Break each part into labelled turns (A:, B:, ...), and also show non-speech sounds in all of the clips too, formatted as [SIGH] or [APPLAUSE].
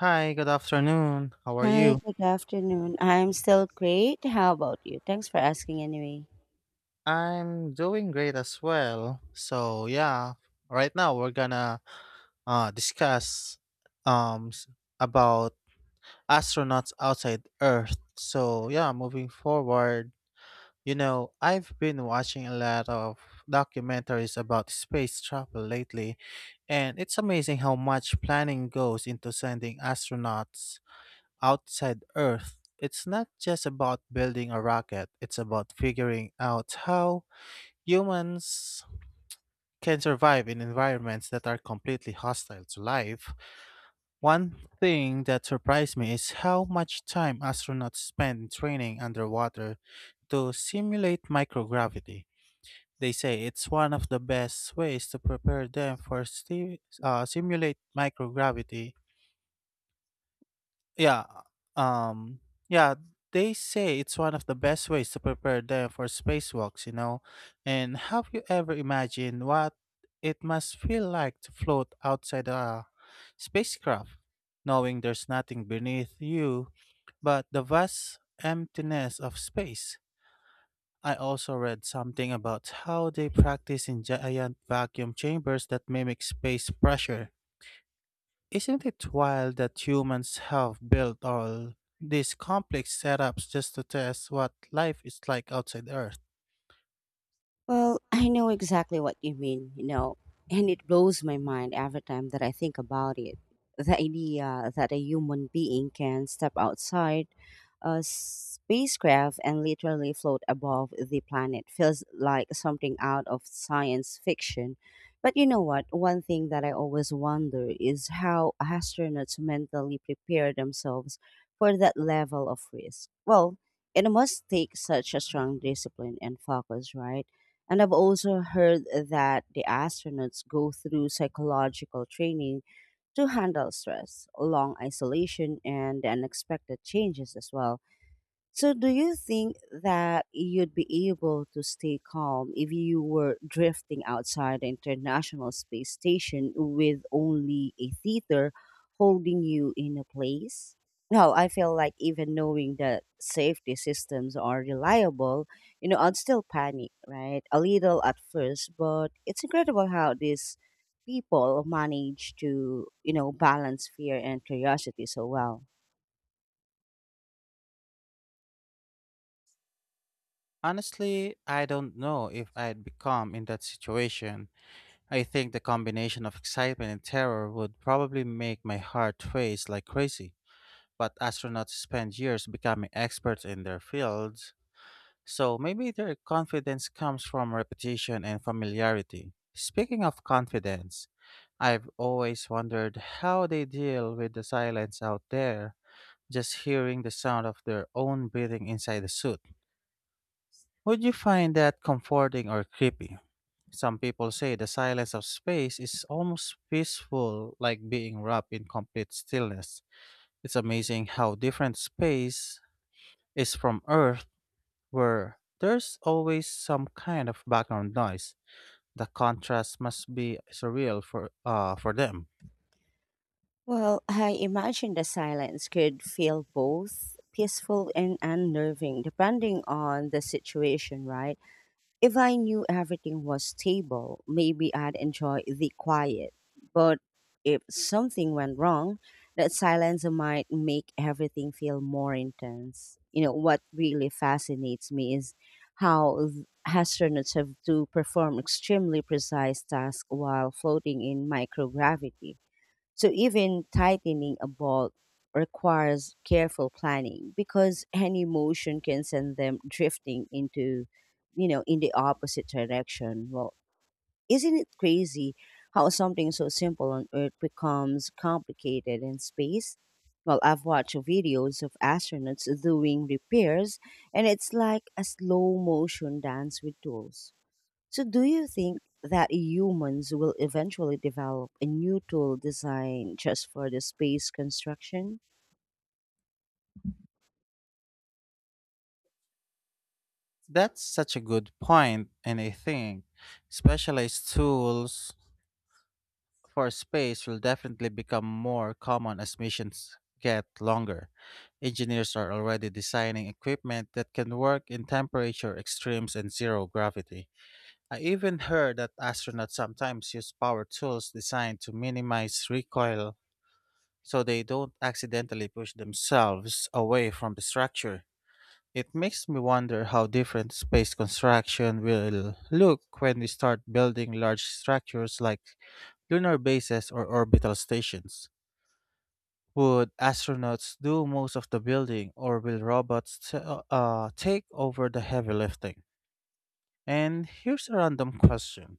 A: Hi, good afternoon. How are
B: Hi,
A: you?
B: good afternoon. I'm still great. How about you? Thanks for asking anyway.
A: I'm doing great as well. Right now we're gonna discuss um s- about astronauts outside Earth. Moving forward, I've been watching a lot of documentaries about space travel lately, and it's amazing how much planning goes into sending astronauts outside Earth. It's not just about building a rocket, it's about figuring out how humans can survive in environments that are completely hostile to life. One thing that surprised me is how much time astronauts spend in training underwater to simulate microgravity. They say it's one of the best ways to prepare them for simulate microgravity. Yeah. Um yeah, they say it's one of the best ways to prepare them for spacewalks. And have you ever imagined what it must feel like to float outside a spacecraft, knowing there's nothing beneath you but the vast emptiness of space? I also read something about how they practice in giant vacuum chambers that mimic space pressure. Isn't it wild that humans have built all these complex setups just to test what life is like outside Earth?
B: Well, [LAUGHS] I know exactly what you mean, you know, and it blows my mind every time that I think about it. The idea that a human being can step outside a spacecraft and literally float above the planet feels like something out of science fiction. But you know what? One thing that I always wonder is how astronauts mentally prepare themselves for that level of risk. Well, it must take such a strong discipline and focus, right? And I've also heard that the astronauts go through psychological training to handle stress, long isolation, and the unexpected changes as well. So, do you think that you'd be able to stay calm if you were drifting outside the International Space Station with only a theater holding you in a place? No, I feel like even knowing that safety systems are reliable, you know, I'd still panic, right? A little at first, but it's incredible how these people manage to, you know, balance fear and curiosity so well.
A: Honestly, I don't know if I'd become in that situation. I think the combination of excitement and terror would probably make my heart race like crazy. But astronauts spend years becoming experts in their fields, so maybe their confidence comes from repetition and familiarity. Speaking of confidence, I've always wondered how they deal with the silence out there, just hearing the sound of their own breathing inside the suit. Would you find that comforting or creepy? Some people say the silence of space is almost peaceful, like being wrapped in complete stillness. It's amazing how different space is from Earth, where there's always some kind of background noise. The contrast must be surreal for for them.
B: Well, I imagine the silence could feel both peaceful and unnerving, depending on the situation, right? If I knew everything was stable, maybe I'd enjoy the quiet. But if something went wrong, that silence might make everything feel more intense. You know, what really fascinates me is how astronauts have to perform extremely precise tasks while floating in microgravity, so even tightening a bolt requires careful planning because [LAUGHS] any motion can send them drifting into, you know, in the opposite direction. Well, isn't it crazy how something so simple on Earth becomes complicated in space? Well, I've watched videos of astronauts doing repairs, and it's like a slow motion dance with tools. So, do you think that humans will eventually develop a new tool designed just for the space construction?
A: That's such a good point, and I think specialized tools for space will definitely become more common as missions get longer. Engineers are already designing equipment that can work in temperature extremes and zero gravity. I even heard that astronauts sometimes use power tools designed to minimize recoil so they don't accidentally push themselves away from the structure. It makes me wonder how different space construction will look when we start building large structures like lunar bases or orbital stations. Would astronauts do most of the building, or will robots take over the heavy lifting? And here's a random question.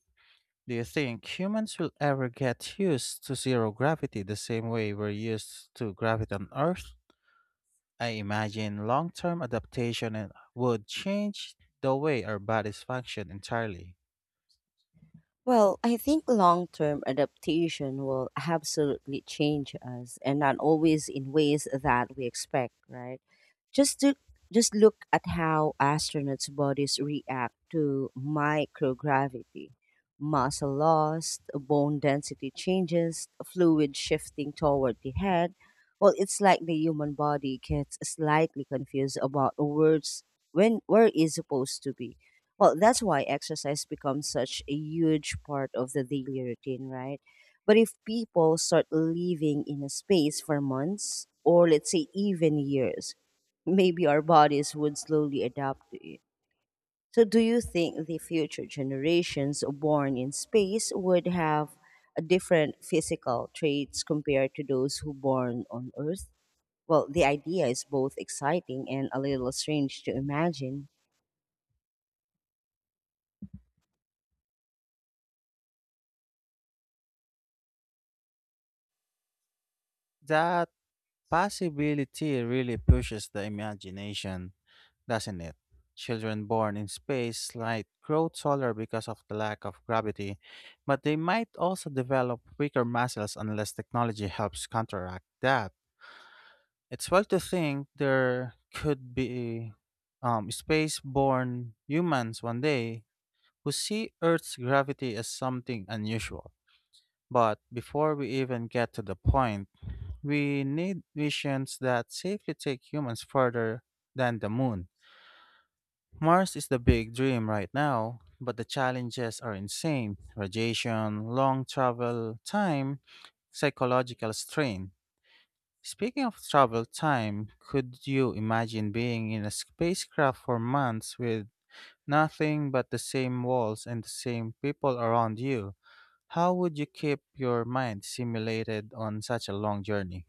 A: Do you think humans will ever get used to zero gravity the same way we're used to gravity on Earth? I imagine long term adaptation would change the way our bodies function entirely.
B: Well, I think long term adaptation will absolutely change us, and not always in ways that we expect, right? Just to just look at how astronauts' bodies react to microgravity: muscle loss, bone density changes, fluid shifting toward the head. Well, it's like the human body gets slightly confused about words when where it's supposed to be. Well, that's why exercise becomes such a huge part of the daily routine, right? But if people start living in a space for months or let's say even years, maybe our bodies would slowly adapt to it. So, do you think the future generations born in space would have a different physical traits compared to those who born on Earth? Well, the idea is both exciting and a little strange to imagine.
A: That possibility really pushes the imagination, doesn't it? Children born in space might grow taller because of the lack of gravity, but they might also develop weaker muscles unless technology helps counteract that. It's well to think there could be space born humans one day who see Earth's gravity as something unusual. But before we even get to the point, we need visions that safely take humans further than the moon. Mars is the big dream right now, but the challenges are insane radiation, long travel time, psychological strain. Speaking of travel time, could you imagine being in a spacecraft for months with nothing but the same walls and the same people around you? How would you keep your mind stimulated on such a long journey?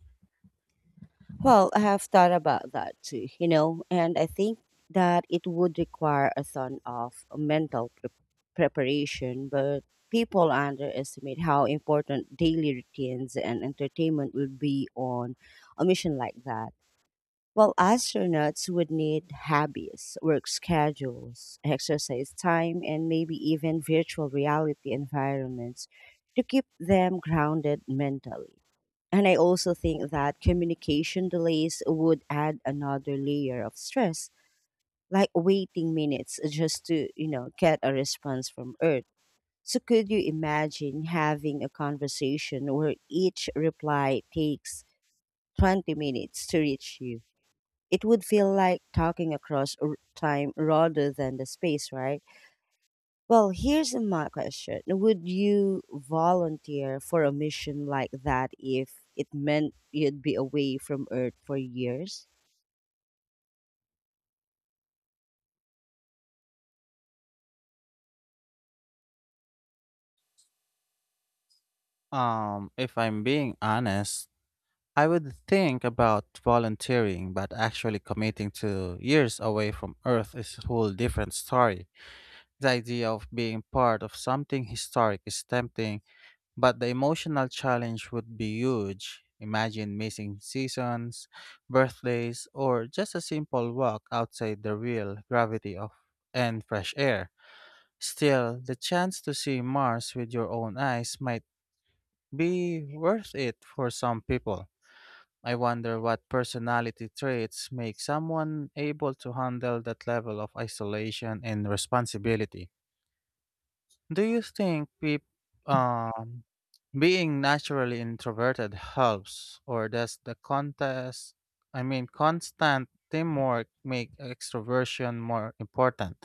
B: Well, I have thought about that too, you know, and I think that it would require a ton of mental preparation, but people underestimate how important daily routines and entertainment would be on a mission like that. Well, astronauts would need hobbies, work schedules, exercise time, and maybe even virtual reality environments to keep them grounded mentally. And I also think that communication delays would add another layer of stress, like waiting minutes just to, you know, get a response from Earth. So could you imagine having a conversation where each reply takes 20 minutes to reach you? It would feel like talking across time rather than the space, right? Well, here's my question. Would you volunteer for a mission like that if it meant you'd be away from Earth for years?
A: If I'm being honest, I would think about volunteering, but actually committing to years away from Earth is a whole different story. The idea of being part of something historic is tempting, but the emotional challenge would be huge. Imagine missing seasons, birthdays, or just a simple walk outside the real gravity of and fresh air. Still, the chance to see Mars with your own eyes might be worth it for some people. I wonder what personality traits make someone able to handle that level of isolation and responsibility. Do you think um, being naturally introverted helps, or does the constant teamwork make extroversion more important?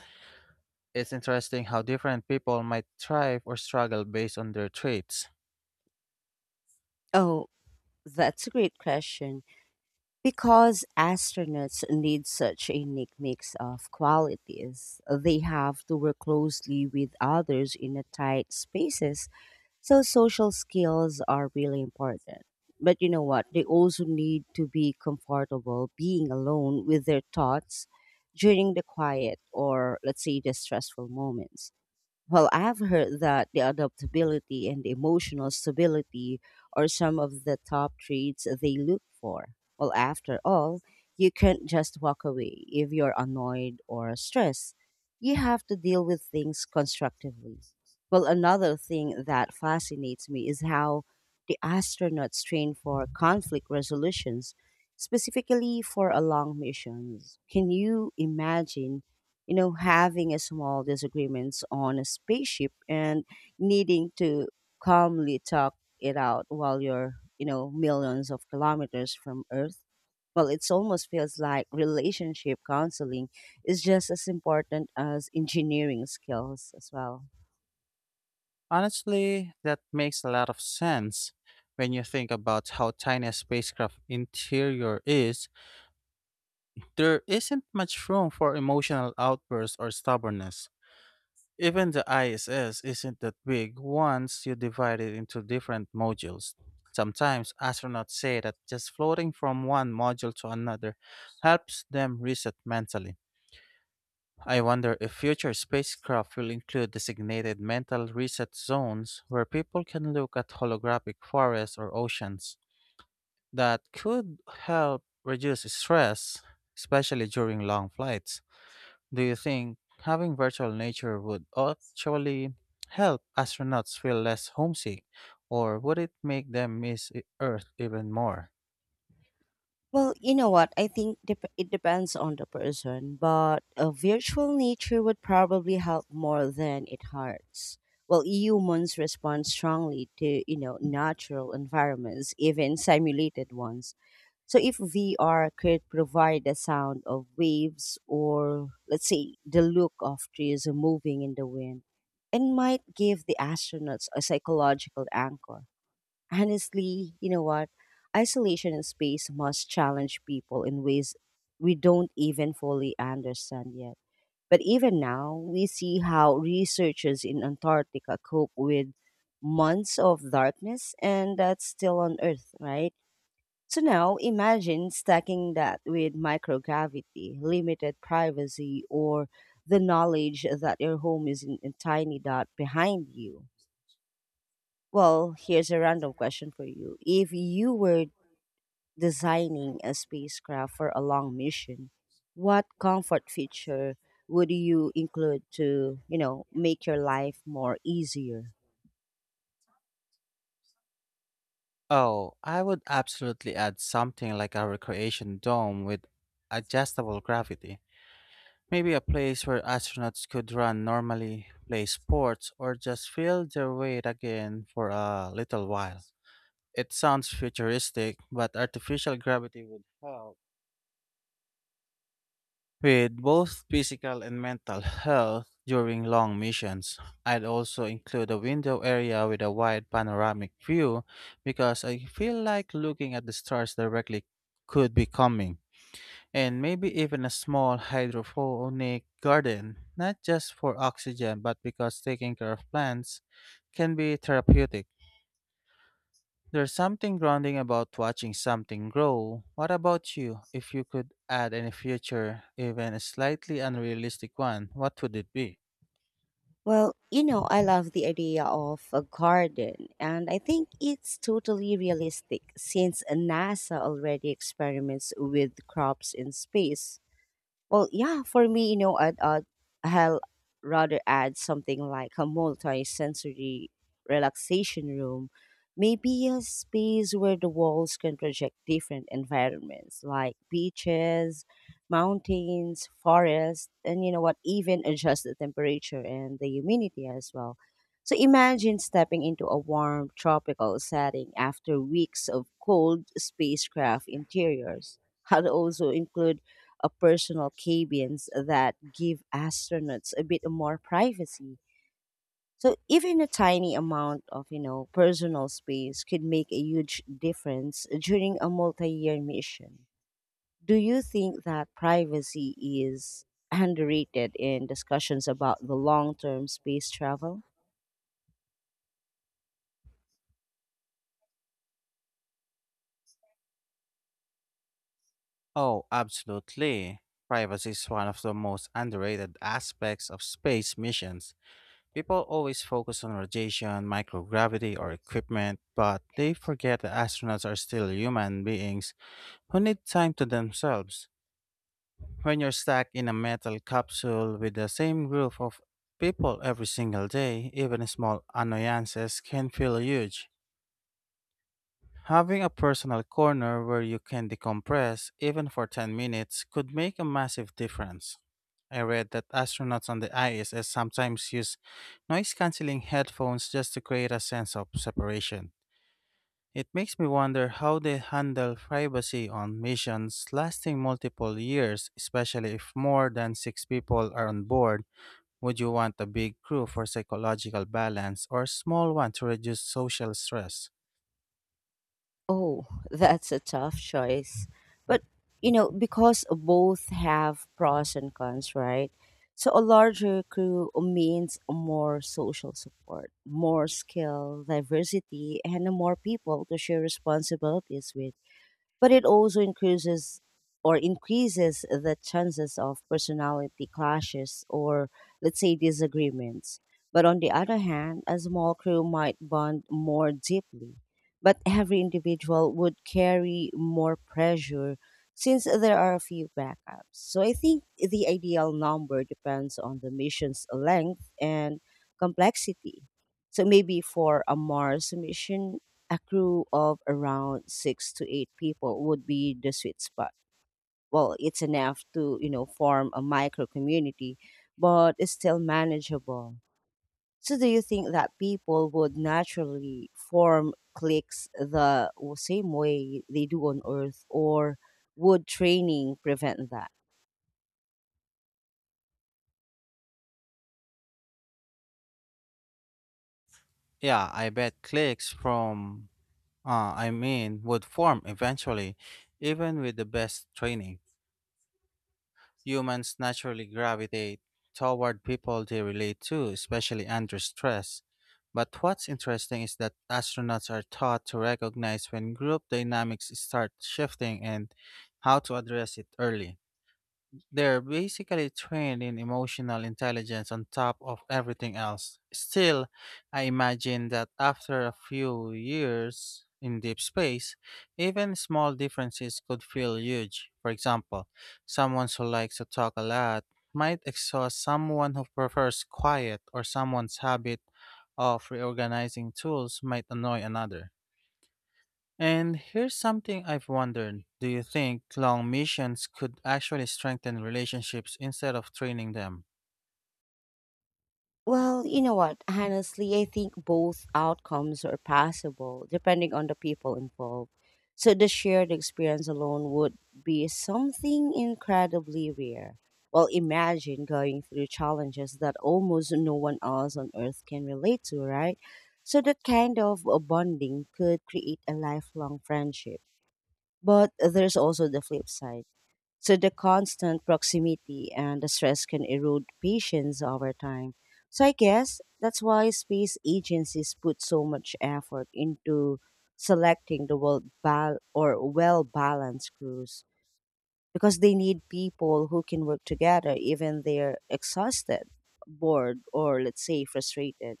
A: It's interesting how different people might thrive or struggle based on their traits.
B: Oh, that's a great question. Because astronauts need such a unique mix of qualities, they have to work closely with others in a tight spaces. So social skills are really important. But you know what? They also need to be comfortable being alone with their thoughts during the quiet or let's say the stressful moments. Well, I've heard that the adaptability and emotional stability are some of the top traits they look for. Well, after all, you can't just walk away if you're annoyed or stressed. You have to deal with things constructively. Well, another thing that fascinates me is how the astronauts train for conflict resolutions, specifically for long missions. Can you imagine, you know, having a small disagreements on a spaceship and needing to calmly talk it out while you're, you know, millions of kilometers from Earth. Well, it's almost feels like relationship counseling is just as important as engineering skills as well.
A: Honestly, that makes a lot of sense. When you think about how tiny a spacecraft interior is, there isn't much room for emotional outbursts or stubbornness. Even the ISS isn't that big once you divide it into different modules. Sometimes astronauts say that just floating from one module to another helps them reset mentally. I wonder if future spacecraft will include designated mental reset zones where people can look at holographic forests or oceans. That could help reduce stress, especially during long flights. Do you think having virtual nature would actually help astronauts feel less homesick, or would it make them miss Earth even more?
B: Well, you know what? I think it depends on the person, but a virtual nature would probably help more than it hurts. Well, humans respond strongly to, you know, natural environments, even simulated ones. So if VR could provide the sound of waves or let's say the look of trees moving in the wind, it might give the astronauts a psychological anchor. Honestly, you know what? Isolation in space must challenge people in ways we don't even fully understand yet. But even now, we see how researchers in Antarctica cope with months of darkness, and that's still on Earth, right? So now imagine stacking that with microgravity, limited privacy, or the knowledge that your home is in a tiny dot behind you. Well, here's a random question for you. If you were designing a spacecraft for a long mission, what comfort feature would you include to, you know, make your life more easier?
A: Oh, I would absolutely add something like a recreation dome with adjustable gravity. Maybe a place where astronauts could run normally, play sports, or just feel their weight again for a little while. It sounds futuristic, but artificial gravity would help with both physical and mental health during long missions. I'd also include a window area with a wide panoramic view, because I feel like looking at the stars directly could be calming. And maybe even a small hydroponic garden, not just for oxygen, but because taking care of plants can be therapeutic. There's something grounding about watching something grow. What about you? If you could add any future, even a slightly unrealistic one, what would it be?
B: Well, you know, I love the idea of a garden, and I think it's totally realistic since NASA already experiments with crops in space. Well, yeah, for me, you know, I'll rather add something like a multi-sensory relaxation room, maybe a space where the walls can project different environments like beaches, mountains, forests, and you know what, even adjust the temperature and the humidity as well. So imagine stepping into a warm tropical setting after weeks of cold spacecraft interiors. [LAUGHS] I'd also include personal cabins that give astronauts a bit more privacy. So even a tiny amount of, you know, personal space could make a huge difference during a multi-year mission. Do you think that privacy is underrated in discussions about the long-term space travel?
A: Oh, absolutely. Privacy is one of the most underrated aspects of space missions. People always focus on radiation, microgravity, or equipment, but they forget that astronauts are still human beings who need time to themselves. When you're stuck in a metal capsule with the same group of people every single day, even small annoyances can feel huge. Having a personal corner where you can decompress, even for 10 minutes, could make a massive difference. I read that astronauts on the ISS sometimes use noise canceling headphones just to create a sense of separation. It makes me wonder how they handle privacy on missions lasting multiple years, especially if more than six people are on board. Would you want a big crew for psychological balance or a small one to reduce social stress?
B: Oh, [LAUGHS] that's a tough choice. But, you know, because both have pros and cons, right? So a larger crew means more social support, more skill, diversity, and more people to share responsibilities with, but it also increases the chances of personality clashes or let's say disagreements. But on the other hand, a small crew might bond more deeply, but every individual would carry more pressure since there are a few backups. So I think the ideal number depends on the mission's length and complexity. So maybe for a Mars mission, a crew of around six to eight people would be the sweet spot. Well, it's enough to, you know, form a micro community, but it's still manageable. So, do you think that people would naturally form cliques the same way they do on Earth, or would training prevent that?
A: Yeah, I bet cliques would form eventually, even with the best training. Humans naturally gravitate toward people they relate to, especially under stress. But what's interesting is that astronauts are taught to recognize when group dynamics start shifting and how to address it early. They're basically trained in emotional intelligence on top of everything else. Still, I imagine that after a few years in deep space, even small differences could feel huge. For example, someone who likes to talk a lot might exhaust someone who prefers quiet, or someone's habit of reorganizing tools might annoy another. And here's something I've wondered. Do you think long missions could actually strengthen relationships instead of training them?
B: Well, you know what? Honestly, I think both outcomes are possible depending on the people involved. So the shared experience alone would be something incredibly rare. Well, imagine going through challenges that almost no one else on earth can relate to, right? So that kind of bonding could create a lifelong friendship. But there's also the flip side, so the constant proximity and the stress can erode patience over time. So I guess that's why space agencies put so much effort into selecting the well balanced crews, because they need people who can work together even they're exhausted, bored, or let's say frustrated.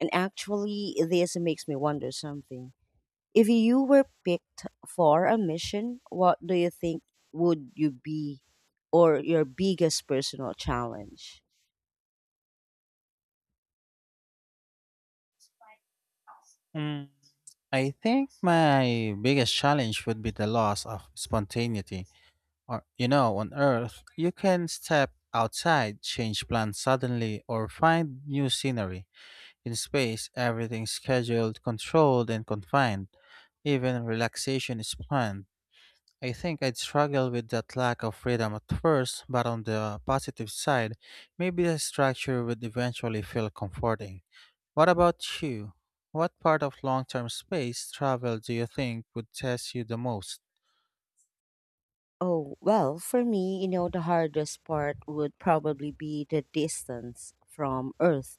B: And actually, this makes me wonder something. If you were picked for a mission, what do you think would you be or your biggest personal challenge?
A: Mm. I think my biggest challenge would be the loss of spontaneity. On Earth, you can step outside, change plans suddenly, or find new scenery. In space, everything's scheduled, controlled, and confined. Even relaxation is planned. I think I'd struggle with that lack of freedom at first, but on the positive side, maybe the structure would eventually feel comforting. What about you? What part of long term space travel do you think would test you the most?
B: Oh, well, for me, you know, the hardest part would probably be the distance from Earth,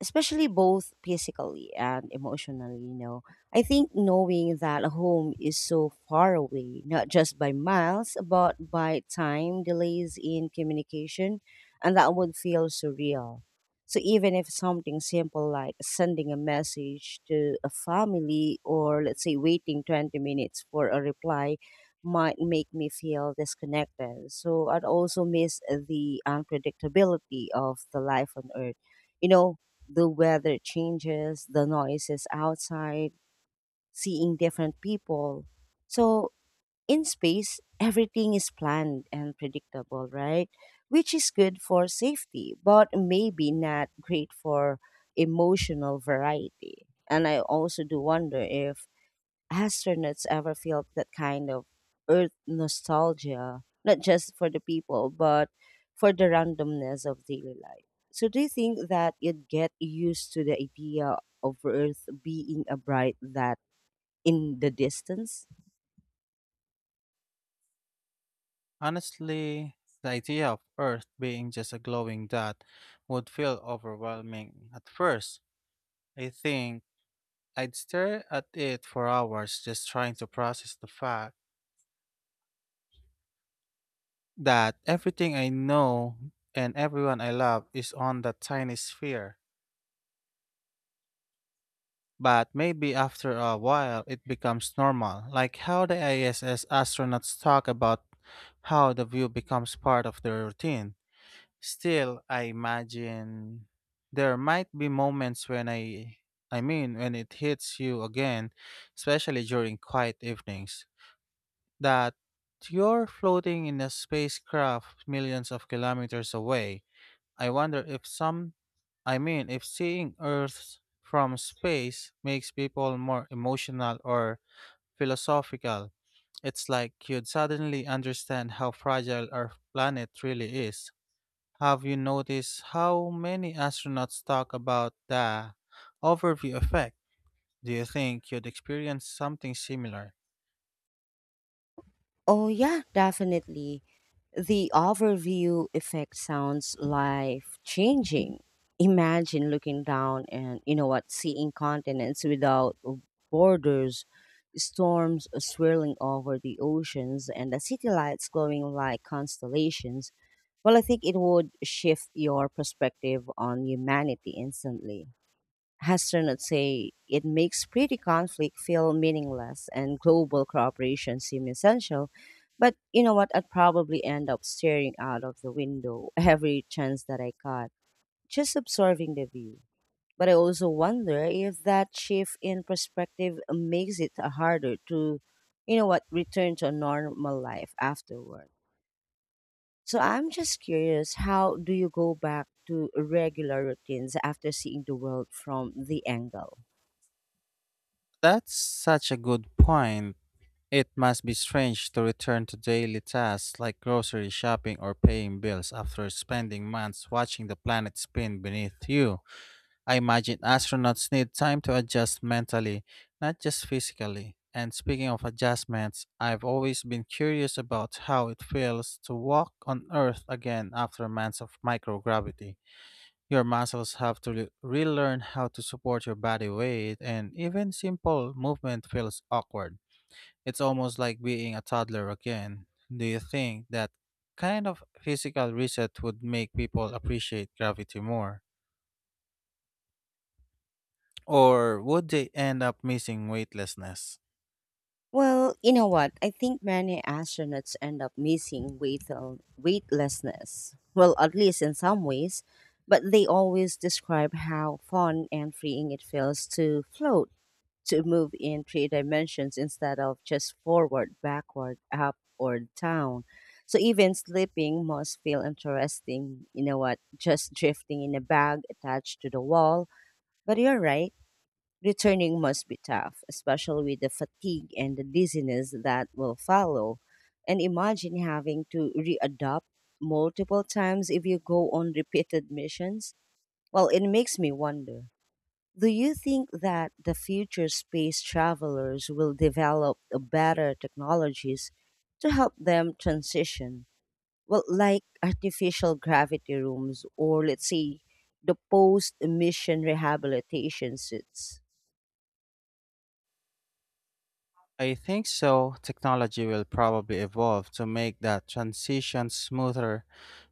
B: especially both physically and emotionally. You know, I think knowing that home is so far away, not just by miles but by time delays in communication, and that would feel surreal. So even if something simple like sending a message to a family, or let's say waiting 20 minutes for a reply, might make me feel disconnected. So I'd also miss the unpredictability of the life on Earth, you know, the weather changes, the noises outside, seeing different people. So in space, everything is planned and predictable, right? Which is good for safety, but maybe not great for emotional variety. And I also do wonder if astronauts ever felt that kind of Earth nostalgia, not just for the people, but for the randomness of daily life. So, do you think that you'd get used to the idea of Earth being a bright that in the distance?
A: Honestly, the idea of Earth being just a glowing dot would feel overwhelming at first. I think I'd stare at it for hours just trying to process the fact that everything I know and everyone I love is on that tiny sphere. But maybe after a while it becomes normal, like how the ISS astronauts talk about how the view becomes part of their routine. Still, I imagine there might be moments when when it hits you again, especially during quiet evenings, that you're floating in a spacecraft millions of kilometers away. I wonder if some, I mean, if seeing Earth from space makes people more emotional or philosophical. It's like you'd suddenly understand how fragile our planet really is. Have you noticed how many astronauts talk about the overview effect? Do you think you'd experience something similar?
B: Oh, yeah, definitely. The overview effect sounds life changing. Imagine looking down and, you know what, seeing continents without borders, storms swirling over the oceans, and the city lights glowing like constellations. Well, I think it would shift your perspective on humanity instantly. Hester say it makes pretty conflict feel meaningless and global cooperation seem essential. But you know what? I'd probably end up staring out of the window [LAUGHS] every chance that I got, just observing the view. But I also wonder if that shift in perspective makes it harder to, you know what, return to a normal life afterward. So I'm just curious, how do you go back to regular routines after seeing the world from the angle?
A: That's such a good point. It must be strange to return to daily tasks like grocery shopping or paying bills after spending months watching the planet spin beneath you. I imagine astronauts need time to adjust mentally, not just physically. And speaking of adjustments, I've always been curious about how it feels to walk on Earth again after months of microgravity. Your muscles have to relearn how to support your body weight, and even simple movement feels awkward. It's almost like being a toddler again. Do you think that kind of physical reset would make people appreciate gravity more? Or would they end up missing weightlessness?
B: Well, you know what? I think many astronauts end up missing weightlessness. Well, at least in some ways, but they always describe how fun and freeing it feels to float, to move in three dimensions instead of just forward, backward, up, or down. So even sleeping must feel interesting. You know what? Just [LAUGHS] drifting in a bag attached to the wall. But you're right. Returning must be tough, especially with the fatigue and the dizziness that will follow. And imagine having to readopt multiple times if you go on repeated missions. Well, it makes me wonder. Do you think that the future space travelers will develop a better technologies to help them transition? Well, like artificial gravity rooms or, let's say, the post emission rehabilitation suits.
A: I think so. Technology will probably evolve to make that transition smoother.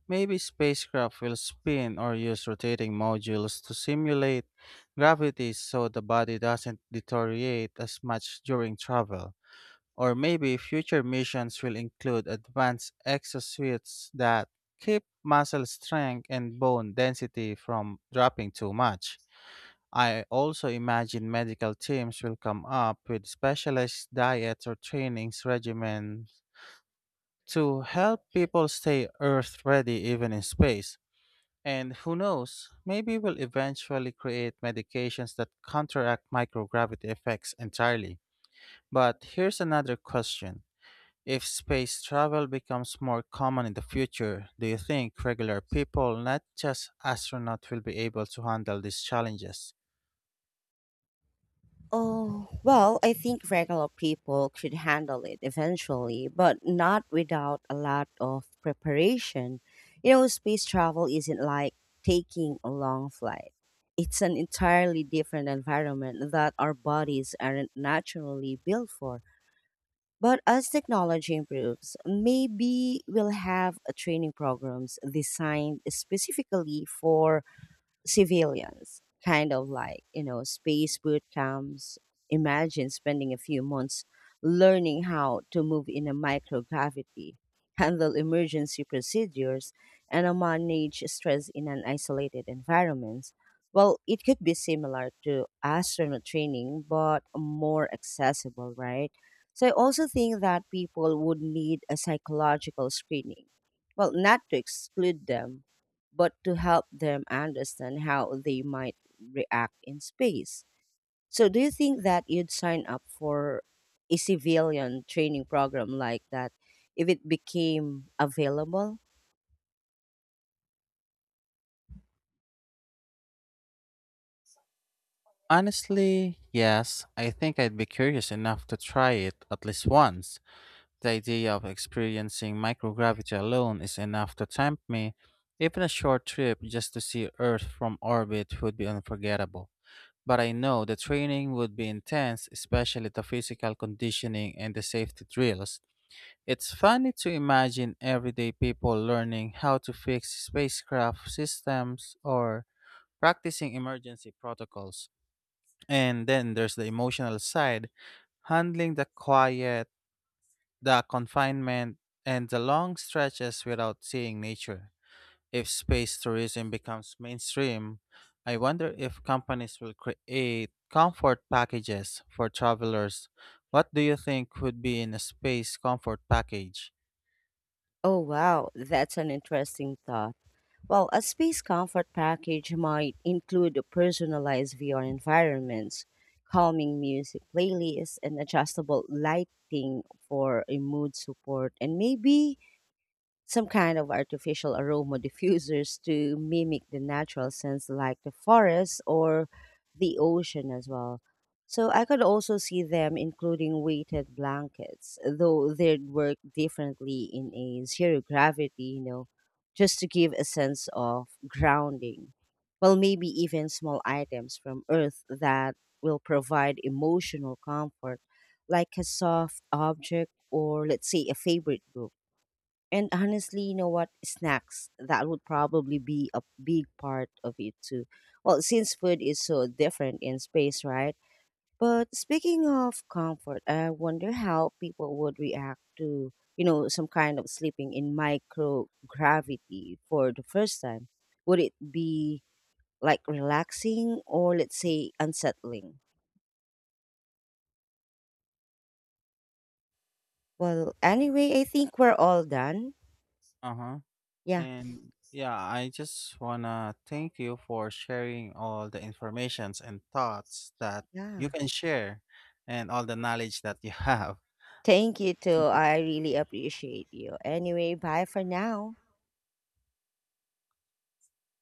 A: Maybe spacecraft will spin or use rotating modules to simulate gravity so the body doesn't deteriorate as much during travel. Or maybe future missions will include advanced exosuits that keep muscle strength and bone density from dropping too much. I also imagine medical teams will come up with specialized diets or trainings regimens to help people stay Earth ready even in space. And who knows, maybe we'll eventually create medications that counteract microgravity effects entirely. But here's another question. If space travel becomes more common in the future, do you think regular people, not just astronauts, will be able to handle these challenges?
B: Oh, well, I think regular people could handle it eventually, but not without a lot of preparation. You know, space travel isn't like taking a long flight, it's an entirely different environment that our bodies aren't naturally built for. But as technology improves, maybe we'll have a training programs designed specifically for civilians, kind of like, you know, space boot camps. Imagine spending a few months learning how to move in a microgravity, [LAUGHS] handle emergency procedures, and manage stress in an isolated environment. Well, it could be similar to astronaut training, but more accessible, right? So I also think that people would need a psychological screening. Well, not to exclude them, but to help them understand how they might react in space. So, do you think that you'd sign up for a civilian training program like that if it became available?
A: Honestly, yes. I think I'd be curious enough to try it at least once. The idea of experiencing microgravity alone is enough to tempt me. Even a short trip just to see Earth from orbit would be unforgettable. But I know the training would be intense, especially the physical conditioning and the safety drills. It's funny to imagine everyday people learning how to fix spacecraft systems or practicing emergency protocols. And then there's the emotional side, handling the quiet, the confinement, and the long stretches without seeing nature. If space tourism becomes mainstream, I wonder if companies will create comfort packages for travelers. What do you think would be in a space comfort package?
B: Oh, wow, that's an interesting thought. Well, a space comfort package might include personalized VR environments, calming music playlists, and adjustable lighting for a mood support, and maybe some kind of artificial aroma diffusers to mimic the natural scents like the forest or the ocean as well. So I could also see them including weighted blankets, though they'd work differently in a zero gravity, you know, just to give a sense of grounding. Well, maybe even small items from Earth that will provide emotional comfort, like a soft object or, let's say, a favorite book. And honestly, you know what? Snacks, that would probably be a big part of it too. Well, since food is so different in space, right? But speaking of comfort, I wonder how people would react to, you know, some kind of sleeping in microgravity for the first time. Would it be like relaxing or, let's say, unsettling? Well, anyway, I think we're all done.
A: Uh huh.
B: Yeah.
A: And yeah, I just wanna thank you for sharing all the informations and thoughts that
B: Yeah.
A: you can share and all the knowledge that you [LAUGHS] have.
B: Thank you too.
A: Thank
B: I really appreciate you. Anyway, bye for now.